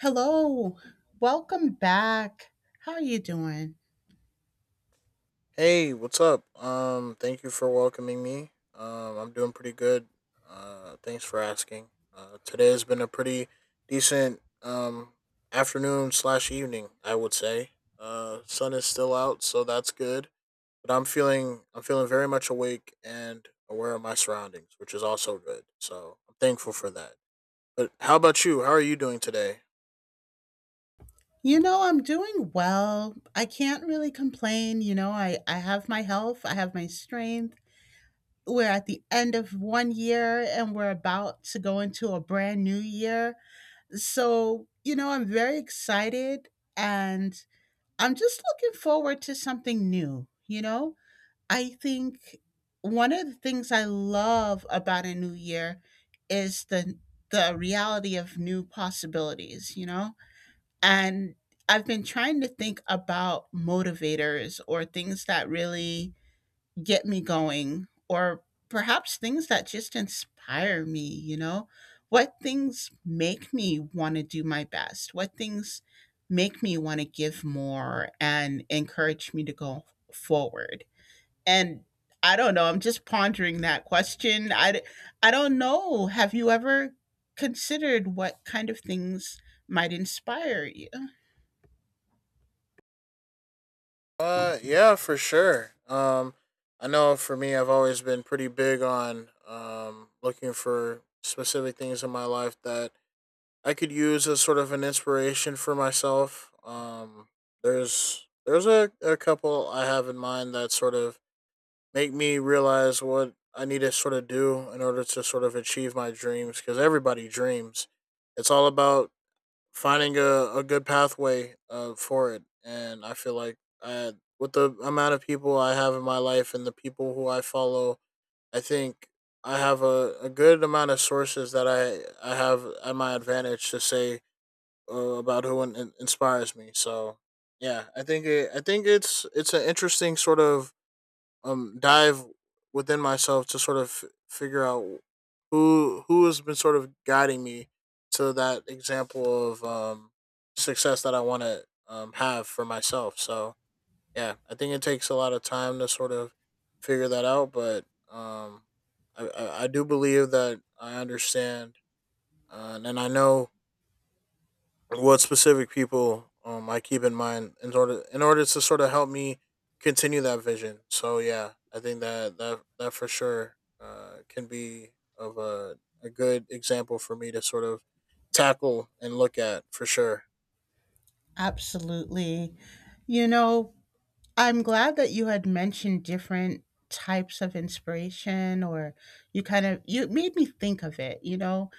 Hello, welcome back. How are you doing? Hey, what's up? Thank you for welcoming me. I'm doing pretty good. Thanks for asking. Today has been a pretty decent afternoon slash evening, I would say. Sun is still out, so that's good. But I'm feeling very much awake and aware of my surroundings, which is also good. So I'm thankful for that. But how about you? How are you doing today? You know, I'm doing well. I can't really complain. You know, I have my health, I have my strength. We're at the end of one year and we're about to go into a brand new year. So, you know, I'm very excited and I'm just looking forward to something new, you know? I think one of the things I love about a new year is the reality of new possibilities, you know? And I've been trying to think about motivators or things that really get me going or perhaps things that just inspire me, you know? What things make me want to do my best? What things make me want to give more and encourage me to go forward? And I don't know, I'm just pondering that question. I don't know. Have you ever considered what kind of things might inspire you? Yeah, for sure. I know for me, I've always been pretty big on looking for specific things in my life that I could use as sort of an inspiration for myself. There's a couple I have in mind that sort of make me realize what I need to sort of do in order to sort of achieve my dreams because everybody dreams. It's all about finding a good pathway for it. And I feel like I, with the amount of people I have in my life and the people who I follow, I think I have a good amount of sources that I have at my advantage to say about who inspires me. So yeah, I think it, I think it's an interesting sort of dive within myself to sort of figure out who has been sort of guiding me to that example of success that I want to have for myself. So yeah, I think it takes a lot of time to sort of figure that out, but um I do believe that I understand and I know what specific people I keep in mind in order to sort of help me continue that vision. So yeah, I think that that for sure can be of a good example for me to sort of tackle and look at for sure. Absolutely. You know, I'm glad that you had mentioned different types of inspiration or you kind of you made me think of it, you know.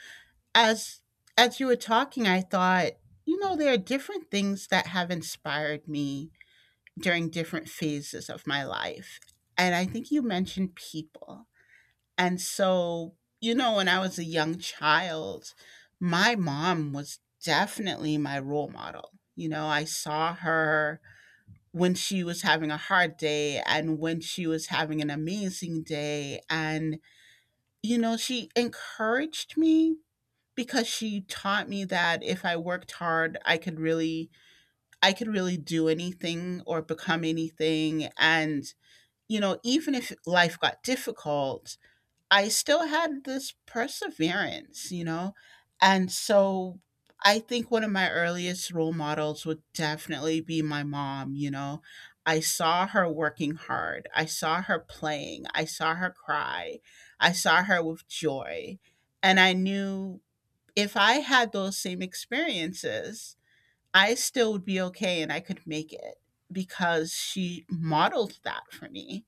As as you were talking, I thought, you know, there are different things that have inspired me during different phases of my life. And I think you mentioned people. And so, you know, when I was a young child, my mom was definitely my role model. You know, I saw her when she was having a hard day and when she was having an amazing day. And, you know, she encouraged me because she taught me that if I worked hard, I could really do anything or become anything and you know, even if life got difficult, I still had this perseverance, you know? And so I think one of my earliest role models would definitely be my mom, you know? I saw her working hard. I saw her playing. I saw her cry. I saw her with joy. And I knew if I had those same experiences, I still would be okay and I could make it because she modeled that for me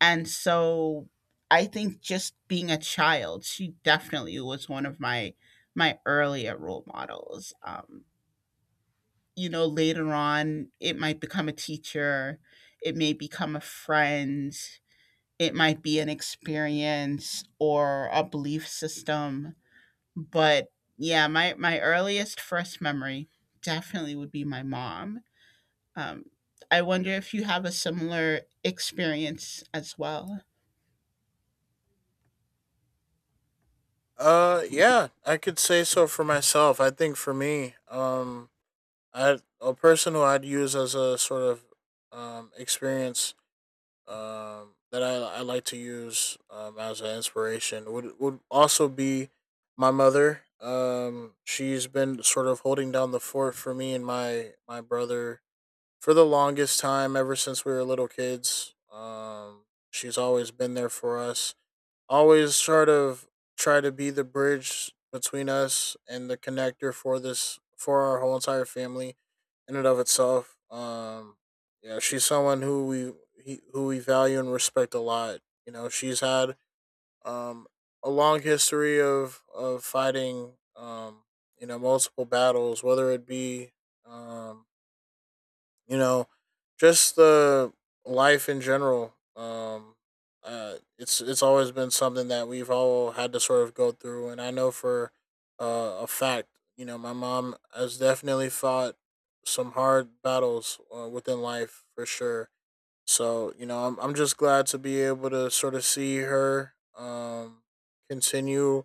and so I think just being a child, she definitely was one of my earlier role models. You know, later on, it might become a teacher, it may become a friend, it might be an experience or a belief system. But yeah, my earliest first memory definitely would be my mom. Um, I wonder if you have a similar experience as well. Yeah, I could say so for myself. I think for me, I a person who I'd use as a sort of experience that I like to use as an inspiration would also be my mother. She's been sort of holding down the fort for me and my brother for the longest time ever since we were little kids. She's always been there for us always sort of try to be the bridge between us and the connector for this for our whole entire family in and of itself. Yeah, she's someone who we he, who we value and respect a lot. You know, she's had um a long history of fighting you know multiple battles whether it be um you know, just the life in general. It's always been something that we've all had to sort of go through, and I know for a fact, you know, my mom has definitely fought some hard battles within life for sure. So you know, I'm just glad to be able to sort of see her continue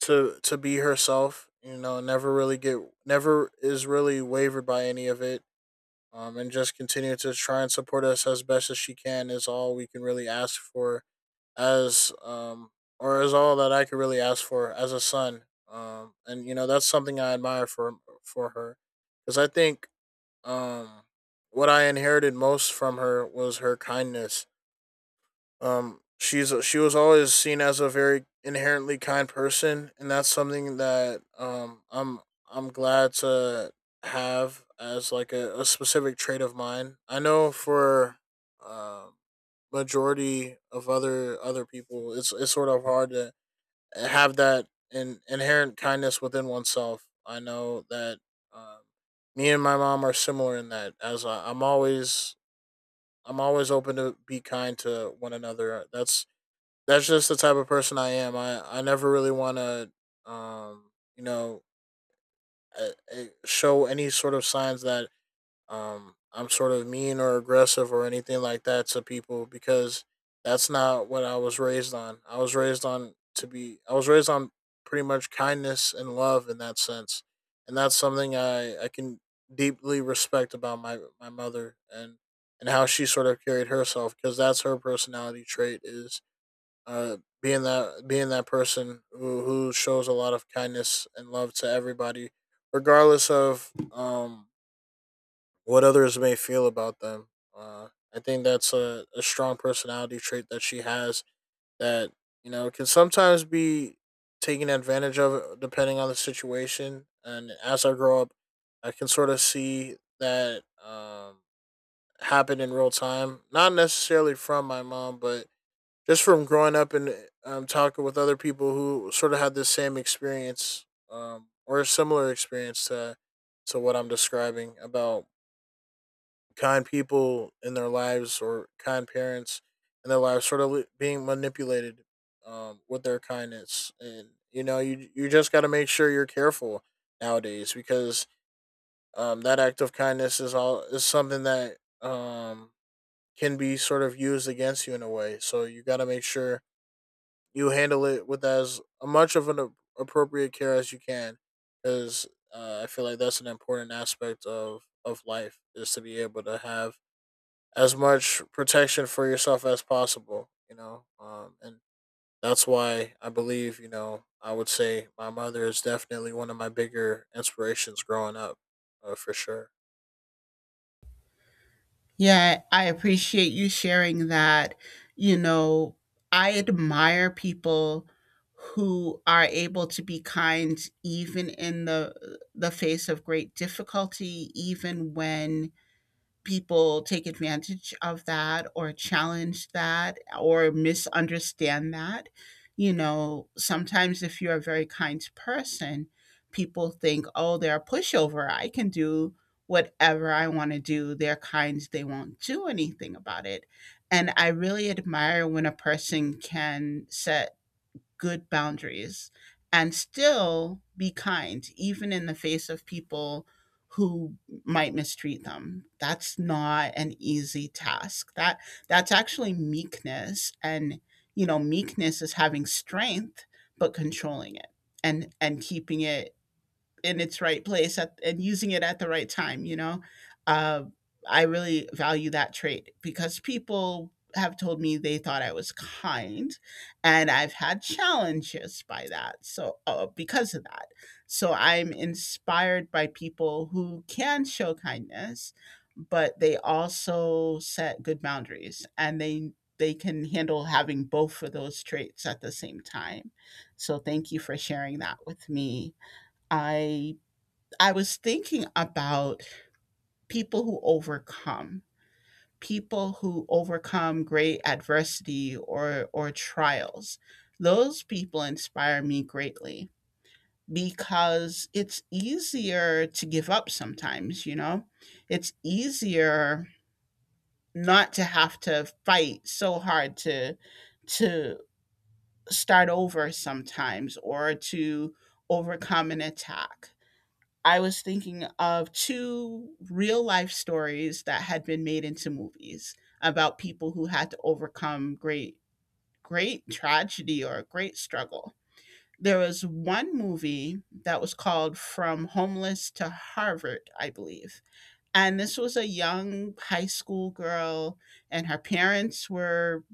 to be herself. You know, never really get never is really wavered by any of it and just continue to try and support us as best as she can is all we can really ask for as or is all that I could really ask for as a son. And you know that's something I admire for her because I think um, what I inherited most from her was her kindness she was always seen as a very inherently kind person, and that's something that I'm glad to have as like a specific trait of mine. I know for um majority of other people, it's sort of hard to have that inherent kindness within oneself. I know that um, me and my mom are similar in that, as I, I'm always open to be kind to one another. That's just the type of person I am. I never really want to, um, you know, uh, show any sort of signs that I'm sort of mean or aggressive or anything like that to people because that's not what I was raised on. I was raised on to be. I was raised on pretty much kindness and love in that sense, and that's something I can deeply respect about my mother and how she sort of carried herself because that's her personality trait is being that person who shows a lot of kindness and love to everybody, regardless of what others may feel about them. Uh, I think that's a strong personality trait that she has that you know can sometimes be taken advantage of depending on the situation. And as I grow up, I can sort of see that happen in real time, not necessarily from my mom, but just from growing up and talking with other people who sort of had the same experience or a similar experience to what I'm describing about kind people in their lives or kind parents in their lives sort of being manipulated with their kindness and you know you just got to make sure you're careful nowadays because that act of kindness is all is something that um, can be sort of used against you in a way so you got to make sure you handle it with as much of an appropriate care as you can because I feel like that's an important aspect of life is to be able to have as much protection for yourself as possible you know and that's why I believe you know I would say my mother is definitely one of my bigger inspirations growing up for sure. Yeah, I appreciate you sharing that. You know, I admire people who are able to be kind even in the face of great difficulty, even when people take advantage of that or challenge that or misunderstand that. You know, sometimes if you're a very kind person, people think, oh, they're a pushover. I can do whatever I want to do. They're kind, they won't do anything about it. And I really admire when a person can set good boundaries and still be kind, even in the face of people who might mistreat them. That's not an easy task. That's actually meekness, and you know meekness is having strength but controlling it and keeping it in its right place at, and using it at the right time, you know? Uh, I really value that trait because people have told me they thought I was kind, and I've had challenges by that. So, because of that, so I'm inspired by people who can show kindness, but they also set good boundaries and they can handle having both of those traits at the same time. So, thank you for sharing that with me. I I was thinking about people who overcome, people who overcome great adversity or trials. Those people inspire me greatly because it's easier to give up sometimes, you know? It's easier not to have to fight so hard to start over sometimes or to overcome an attack. I was thinking of two real life stories that had been made into movies about people who had to overcome great, great tragedy or great struggle. There was one movie that was called From Homeless to Harvard, I believe. And this was a young high school girl, and her parents were,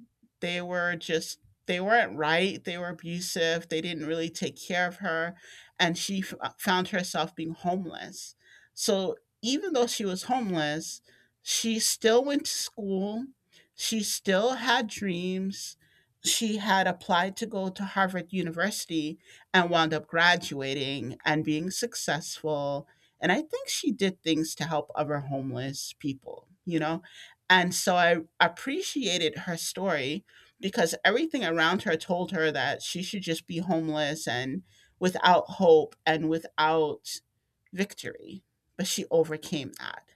they were just, they weren't right. They were abusive. They didn't really take care of her. And found herself being homeless. So even though she was homeless, she still went to school. She still had dreams. She had applied to go to Harvard University and wound up graduating and being successful and I think she did things to help other homeless people, you know? And so I appreciated her story because everything around her told her that she should just be homeless and without hope and without victory. But she overcame that.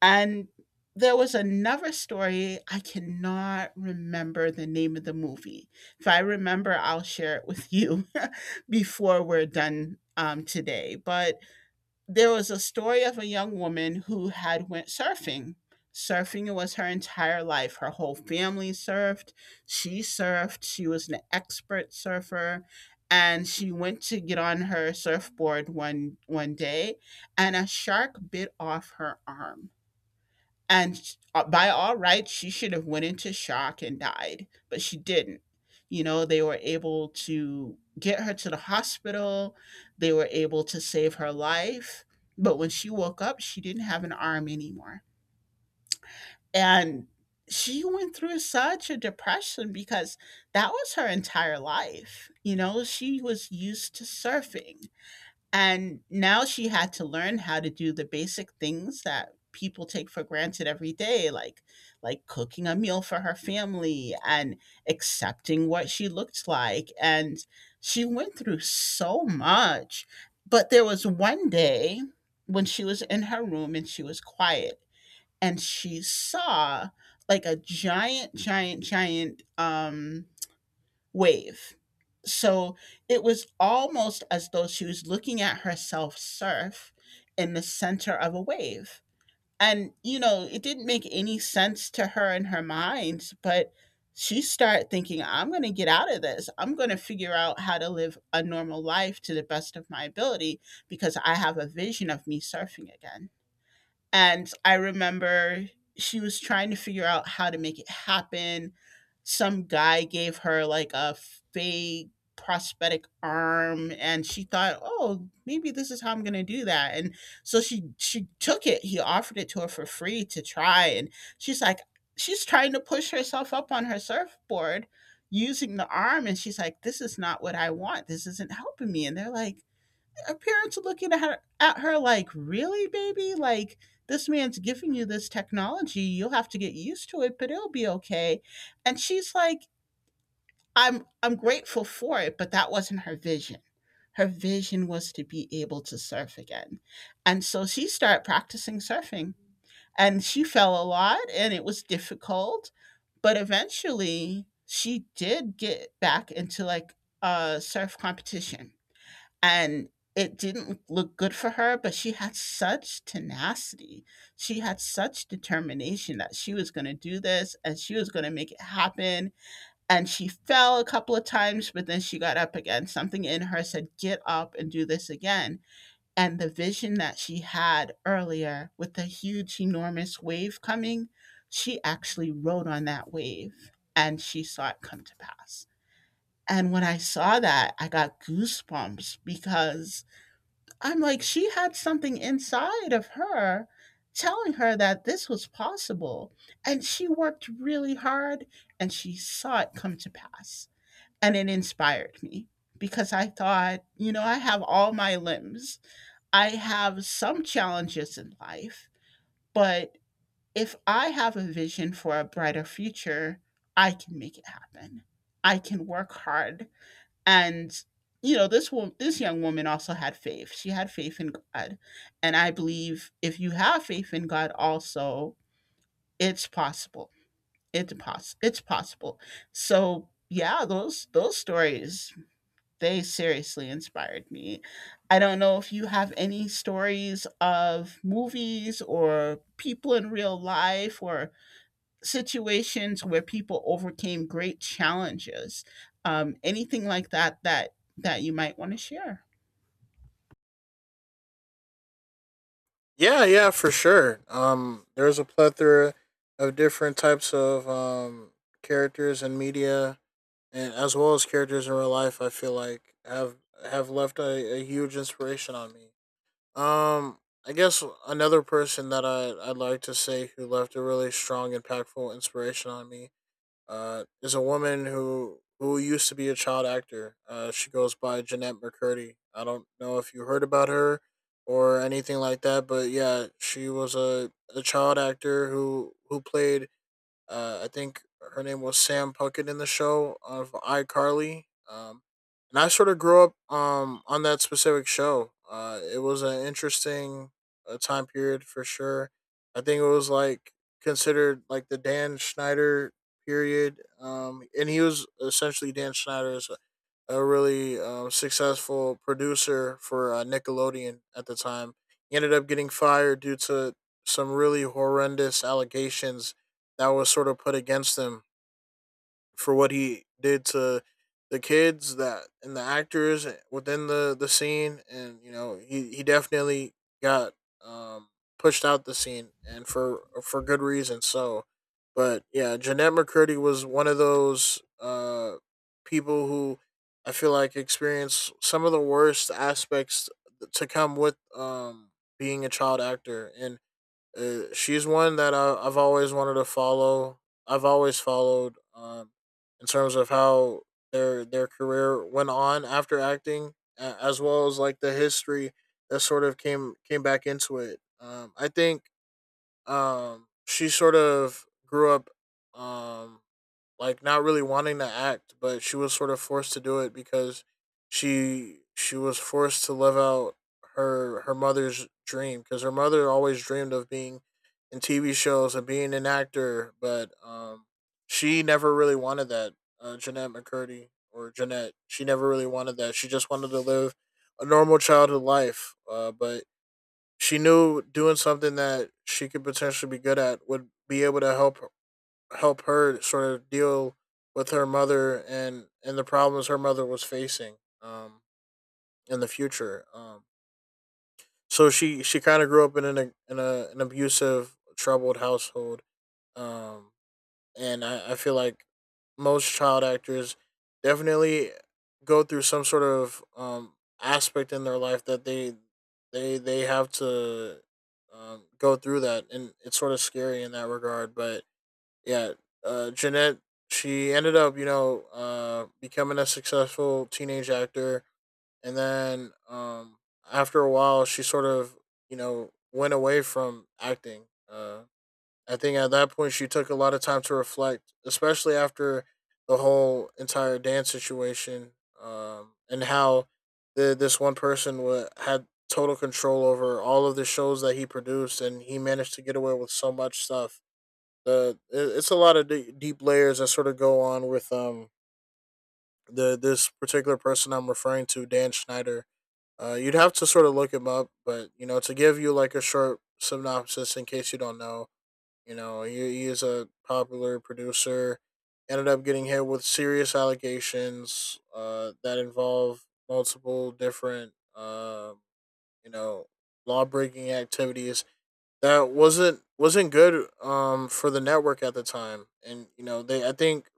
And there was another story. I cannot remember the name of the movie. If I remember, I'll share it with you before we're done today. But there was a story of a young woman who had went surfing. Surfing was her entire life. Her whole family surfed. She surfed. She was an expert surfer, and she went to get on her surfboard one day and a shark bit off her arm. And by all rights she should have went into shock and died, but she didn't. You know, they were able to get her to the hospital. They were able to save her life, but when she woke up she didn't have an arm anymore. And she went through such a depression because that was her entire life. You know, she was used to surfing, and now she had to learn how to do the basic things that people take for granted every day, like cooking a meal for her family and accepting what she looked like. And she went through so much. But there was one day when she was in her room and she was quiet and she saw like a giant, giant, giant wave. So it was almost as though she was looking at herself surf in the center of a wave. And, you know, it didn't make any sense to her in her mind, but she started thinking, I'm going to get out of this. I'm going to figure out how to live a normal life to the best of my ability because I have a vision of me surfing again. And I remember she was trying to figure out how to make it happen. Some guy gave her like a fake prosthetic arm and she thought, "Oh, maybe this is how I'm going to do that." And so she took it. He offered it to her for free to try, and she's like, she's trying to push herself up on her surfboard using the arm and she's like, "This is not what I want. This isn't helping me." And they're like, her parents are looking at her like, really, baby? Like, this man's giving you this technology. You'll have to get used to it, but it'll be okay. And she's like, I'm grateful for it, but that wasn't her vision. Her vision was to be able to surf again. And so she started practicing surfing. And she fell a lot and it was difficult, but eventually she did get back into like a surf competition, and it didn't look good for her, but she had such tenacity. She had such determination that she was gonna do this and she was gonna make it happen, and she fell a couple of times, but then she got up again. Something in her said, "Get up and do this again." And the vision that she had earlier with the huge, enormous wave coming, she actually rode on that wave, and she saw it come to pass. And when I saw that, I got goosebumps because I'm like, she had something inside of her telling her that this was possible. And she worked really hard and she saw it come to pass. And it inspired me because I thought, you know, I have all my limbs, I have some challenges in life, but if I have a vision for a brighter future, I can make it happen. I can work hard and you know, this woman, this young woman also had faith. She had faith in God, and I believe if you have faith in God, also it's possible. It's possible. So yeah, those stories they seriously inspired me. I don't know if you have any stories of movies or people in real life or situations where people overcame great challenges. Anything like that that that you might want to share. Yeah, yeah, for sure. There's a plethora of different types of characters and media, and as well as characters in real life. I feel like have left a huge inspiration on me. Um, I guess another person that I'd like to say who left a really strong, impactful inspiration on me is a woman who used to be a child actor. She goes by Jeanette McCurdy. I don't know if you heard about her or anything like that, but yeah, she was a child actor who played I think her name was Sam Puckett in the show of iCarly. And I sort of grew up on that specific show. It was an interesting time period for sure. I think it was like considered like the Dan Schneider period. And he was essentially Dan Schneider as a really successful producer for Nickelodeon at the time. He ended up getting fired due to some really horrendous allegations that was sort of put against him for what he did to the kids that and the actors within the scene and you know he definitely got um pushed out the scene and for good reason so but yeah Jeanette McCurdy was one of those people who I feel like experienced some of the worst aspects to come with being a child actor and she's one that I, I've always wanted to follow. I've always followed in terms of how their career went on after acting, as well as like the history that sort of came back into it. I think she sort of grew up um, like not really wanting to act, but she was sort of forced to do it because she was forced to live out her mother's dream because her mother always dreamed of being in TV shows and being an actor, but she never really wanted that. Jeanette McCurdy or Jeanette, she never really wanted that. She just wanted to live a normal childhood life, but she knew doing something that she could potentially be good at would be able to help help her sort of deal with her mother and the problems her mother was facing um in the future so she kind of grew up in in a, an abusive troubled household um and I feel like most child actors definitely go through some sort of aspect in their life that they have to go through that and it's sort of scary in that regard but yeah, Jeanette, she ended up, you know, becoming a successful teenage actor. And then after a while, she sort of, you know, went away from acting. Uh, I think at that point, she took a lot of time to reflect, especially after the whole entire dance situation, and how this one person wa had total control over all of the shows that he produced, and he managed to get away with so much stuff. It's a lot of deep layers that sort of go on with the this particular person I'm referring to, Dan Schneider. You'd have to sort of look him up, but you know, to give you like a short synopsis in case you don't know, you know, he is a popular producer. Ended up getting hit with serious allegations that involve multiple different, you know, law breaking activities that wasn't good for the network at the time. And you know, they, I think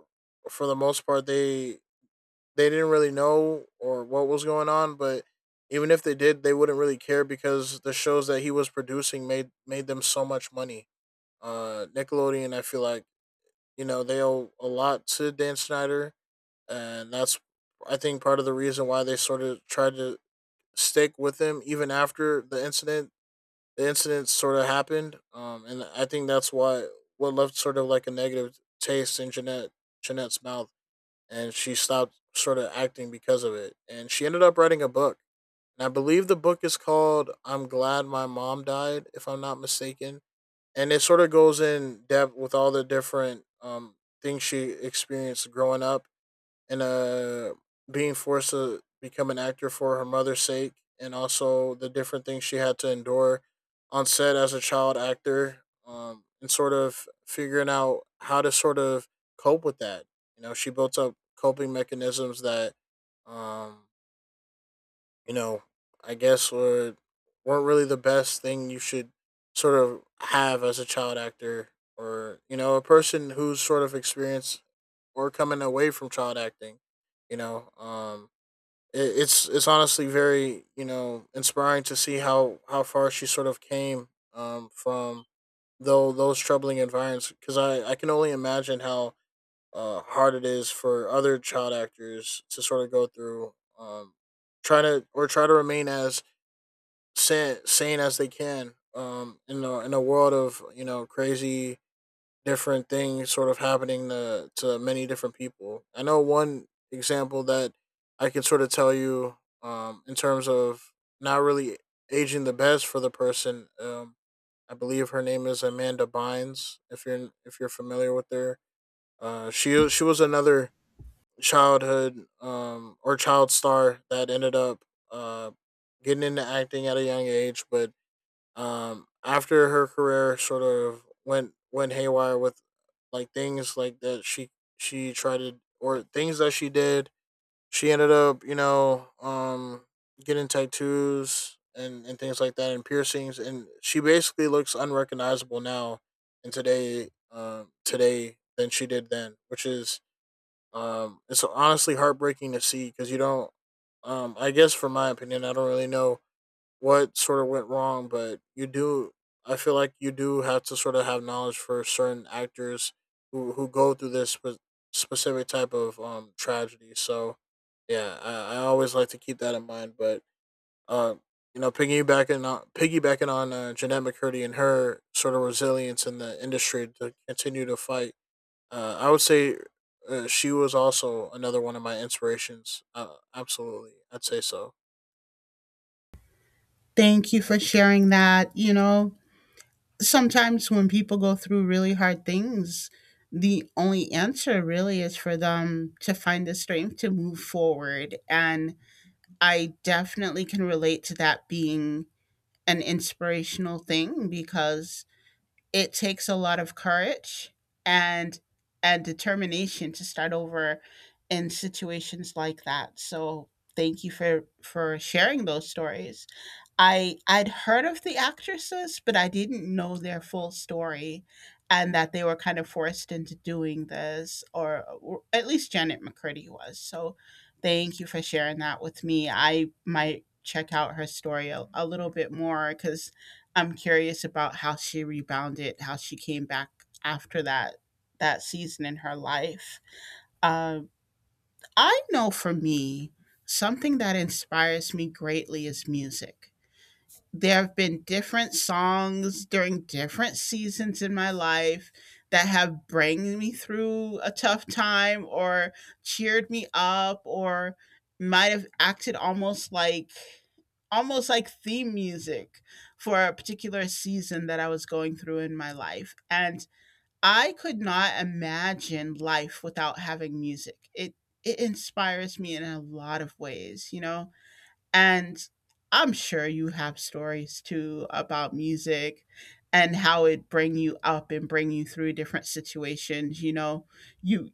for the most part, they didn't really know or what was going on. But even if they did, they wouldn't really care because the shows that he was producing made them so much money. Nickelodeon, I feel like, you know, they owe a lot to Dan Snyder. And that's, I think, part of the reason why they sort of tried to stick with him even after the incident sort of happened. And I think that's why what left sort of like a negative taste in Jeanette's mouth, and she stopped sort of acting because of it. And she ended up writing a book, and I believe the book is called "I'm Glad My Mom Died," if I'm not mistaken. And it sort of goes in depth with all the different things she experienced growing up. And being forced to become an actor for her mother's sake, and also the different things she had to endure on set as a child actor, and sort of figuring out how to sort of cope with that. You know, she built up coping mechanisms that, um you know I guess, were weren't really the best thing you should sort of have as a child actor, or you know, a person who's sort of experienced or coming away from child acting. You know, um, it's honestly very, you know, inspiring to see how far she sort of came, from though those troubling environments. Because I can only imagine how hard it is for other child actors to sort of go through, try to remain as sane as they can, in a world of, you know, crazy different things sort of happening to many different people. I know one example that I could sort of tell you, in terms of not really aging the best for the person. I believe her name is Amanda Bynes. If you're familiar with her, she was another childhood, or child star, that ended up uh, getting into acting at a young age, but after her career sort of went haywire with like things like that she tried to or things that she did, she ended up, you know, getting tattoos, and things like that, and piercings, and she basically looks unrecognizable now and today, today than she did then, which is it's honestly heartbreaking to see. Because you don't, I guess, from my opinion, I don't really know what sort of went wrong, but you do. I feel like you do have to sort of have knowledge for certain actors who go through this specific type of tragedy. So, yeah, I always like to keep that in mind. But uh, you know, piggybacking on Jeanette McCurdy and her sort of resilience in the industry to continue to fight, I would say, she was also another one of my inspirations. Absolutely, I'd say so. Thank you for sharing that. You know, sometimes when people go through really hard things, the only answer really is for them to find the strength to move forward. And I definitely can relate to that being an inspirational thing because it takes a lot of courage and and determination to start over in situations like that. So thank you for sharing those stories. I'd heard of the actresses, but I didn't know their full story and that they were kind of forced into doing this or at least Janet McCurdy was. So thank you for sharing that with me. I might check out her story a little bit more cuz I'm curious about how she rebounded, how she came back after that season in her life. Um I know for me, something that inspires me greatly is music. There have been different songs during different seasons in my life that have bring me through a tough time or cheered me up or might have acted almost like theme music for a particular season that I was going through in my life and I could not imagine life without having music. It inspires me in a lot of ways, you know. And I'm sure you have stories too about music and how it bring you up and bring you through different situations. You know, you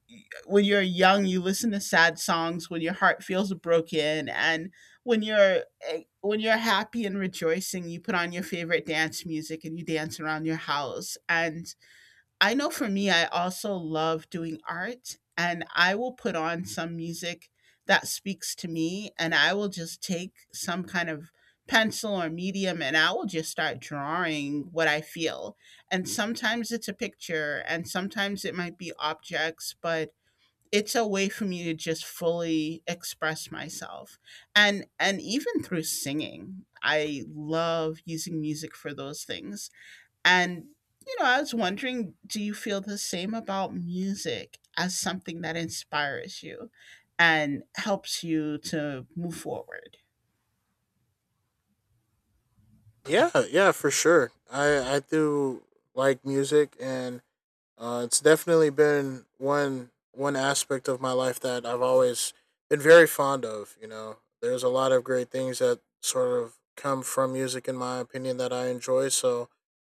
when you're young, you listen to sad songs when your heart feels broken, and when you're happy and rejoicing, you put on your favorite dance music and you dance around your house. And I know for me, I also love doing art, and I will put on some music that speaks to me, and I will just take some kind of pencil or medium and I will just start drawing what I feel. And sometimes it's a picture, and sometimes it might be objects, but it's a way for me to just fully express myself. And even through singing, I love using music for those things and, you know, I was wondering do you feel the same about music as something that inspires you and helps you to move forward? Yeah, yeah, for sure. I do like music, and it's definitely been one aspect of my life that I've always been very fond of. You know, there's a lot of great things that sort of come from music, in my opinion, that I enjoy. So,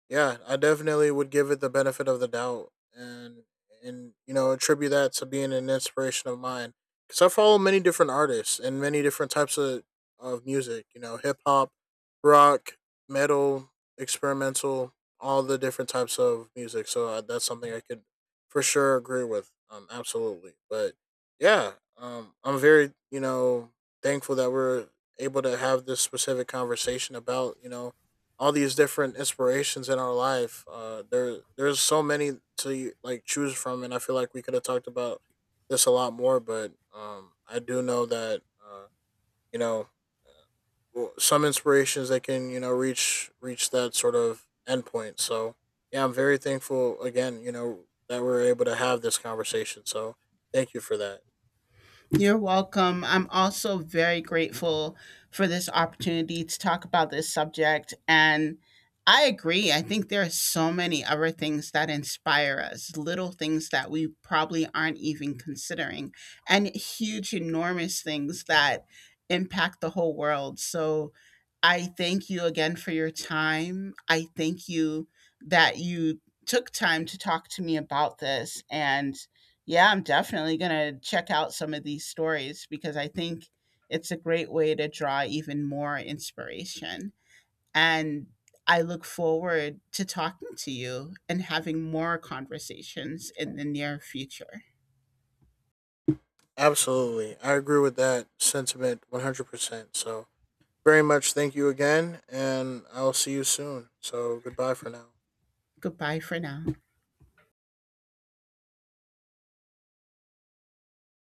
yeah, I definitely would give it the benefit of the doubt, and you know, attribute that to being an inspiration of mine. Because I follow many different artists and many different types of music. You know, hip hop, rock, metal, experimental, all the different types of music. So, that's something I could for sure agree with. Absolutely. But yeah, I'm very, you know, thankful that we're able to have this specific conversation about, you know, all these different inspirations in our life. There's so many to like choose from, and I feel like we could have talked about this a lot more. But I do know that you know, well, some inspirations that can, you know, reach that sort of endpoint. So yeah, I'm very thankful again. You know, that we're able to have this conversation. So thank you for that. You're welcome. I'm also very grateful for this opportunity to talk about this subject. And I agree. I think there are so many other things that inspire us, little things that we probably aren't even considering, and huge, enormous things that impact the whole world. So I thank you again for your time. I thank you that you took time to talk to me about this. And yeah, I'm definitely going to check out some of these stories because I think it's a great way to draw even more inspiration. And I look forward to talking to you and having more conversations in the near future. Absolutely, I agree with that sentiment 100%. Percent So very much thank you again, and I'll see you soon. So goodbye for now. Goodbye for now.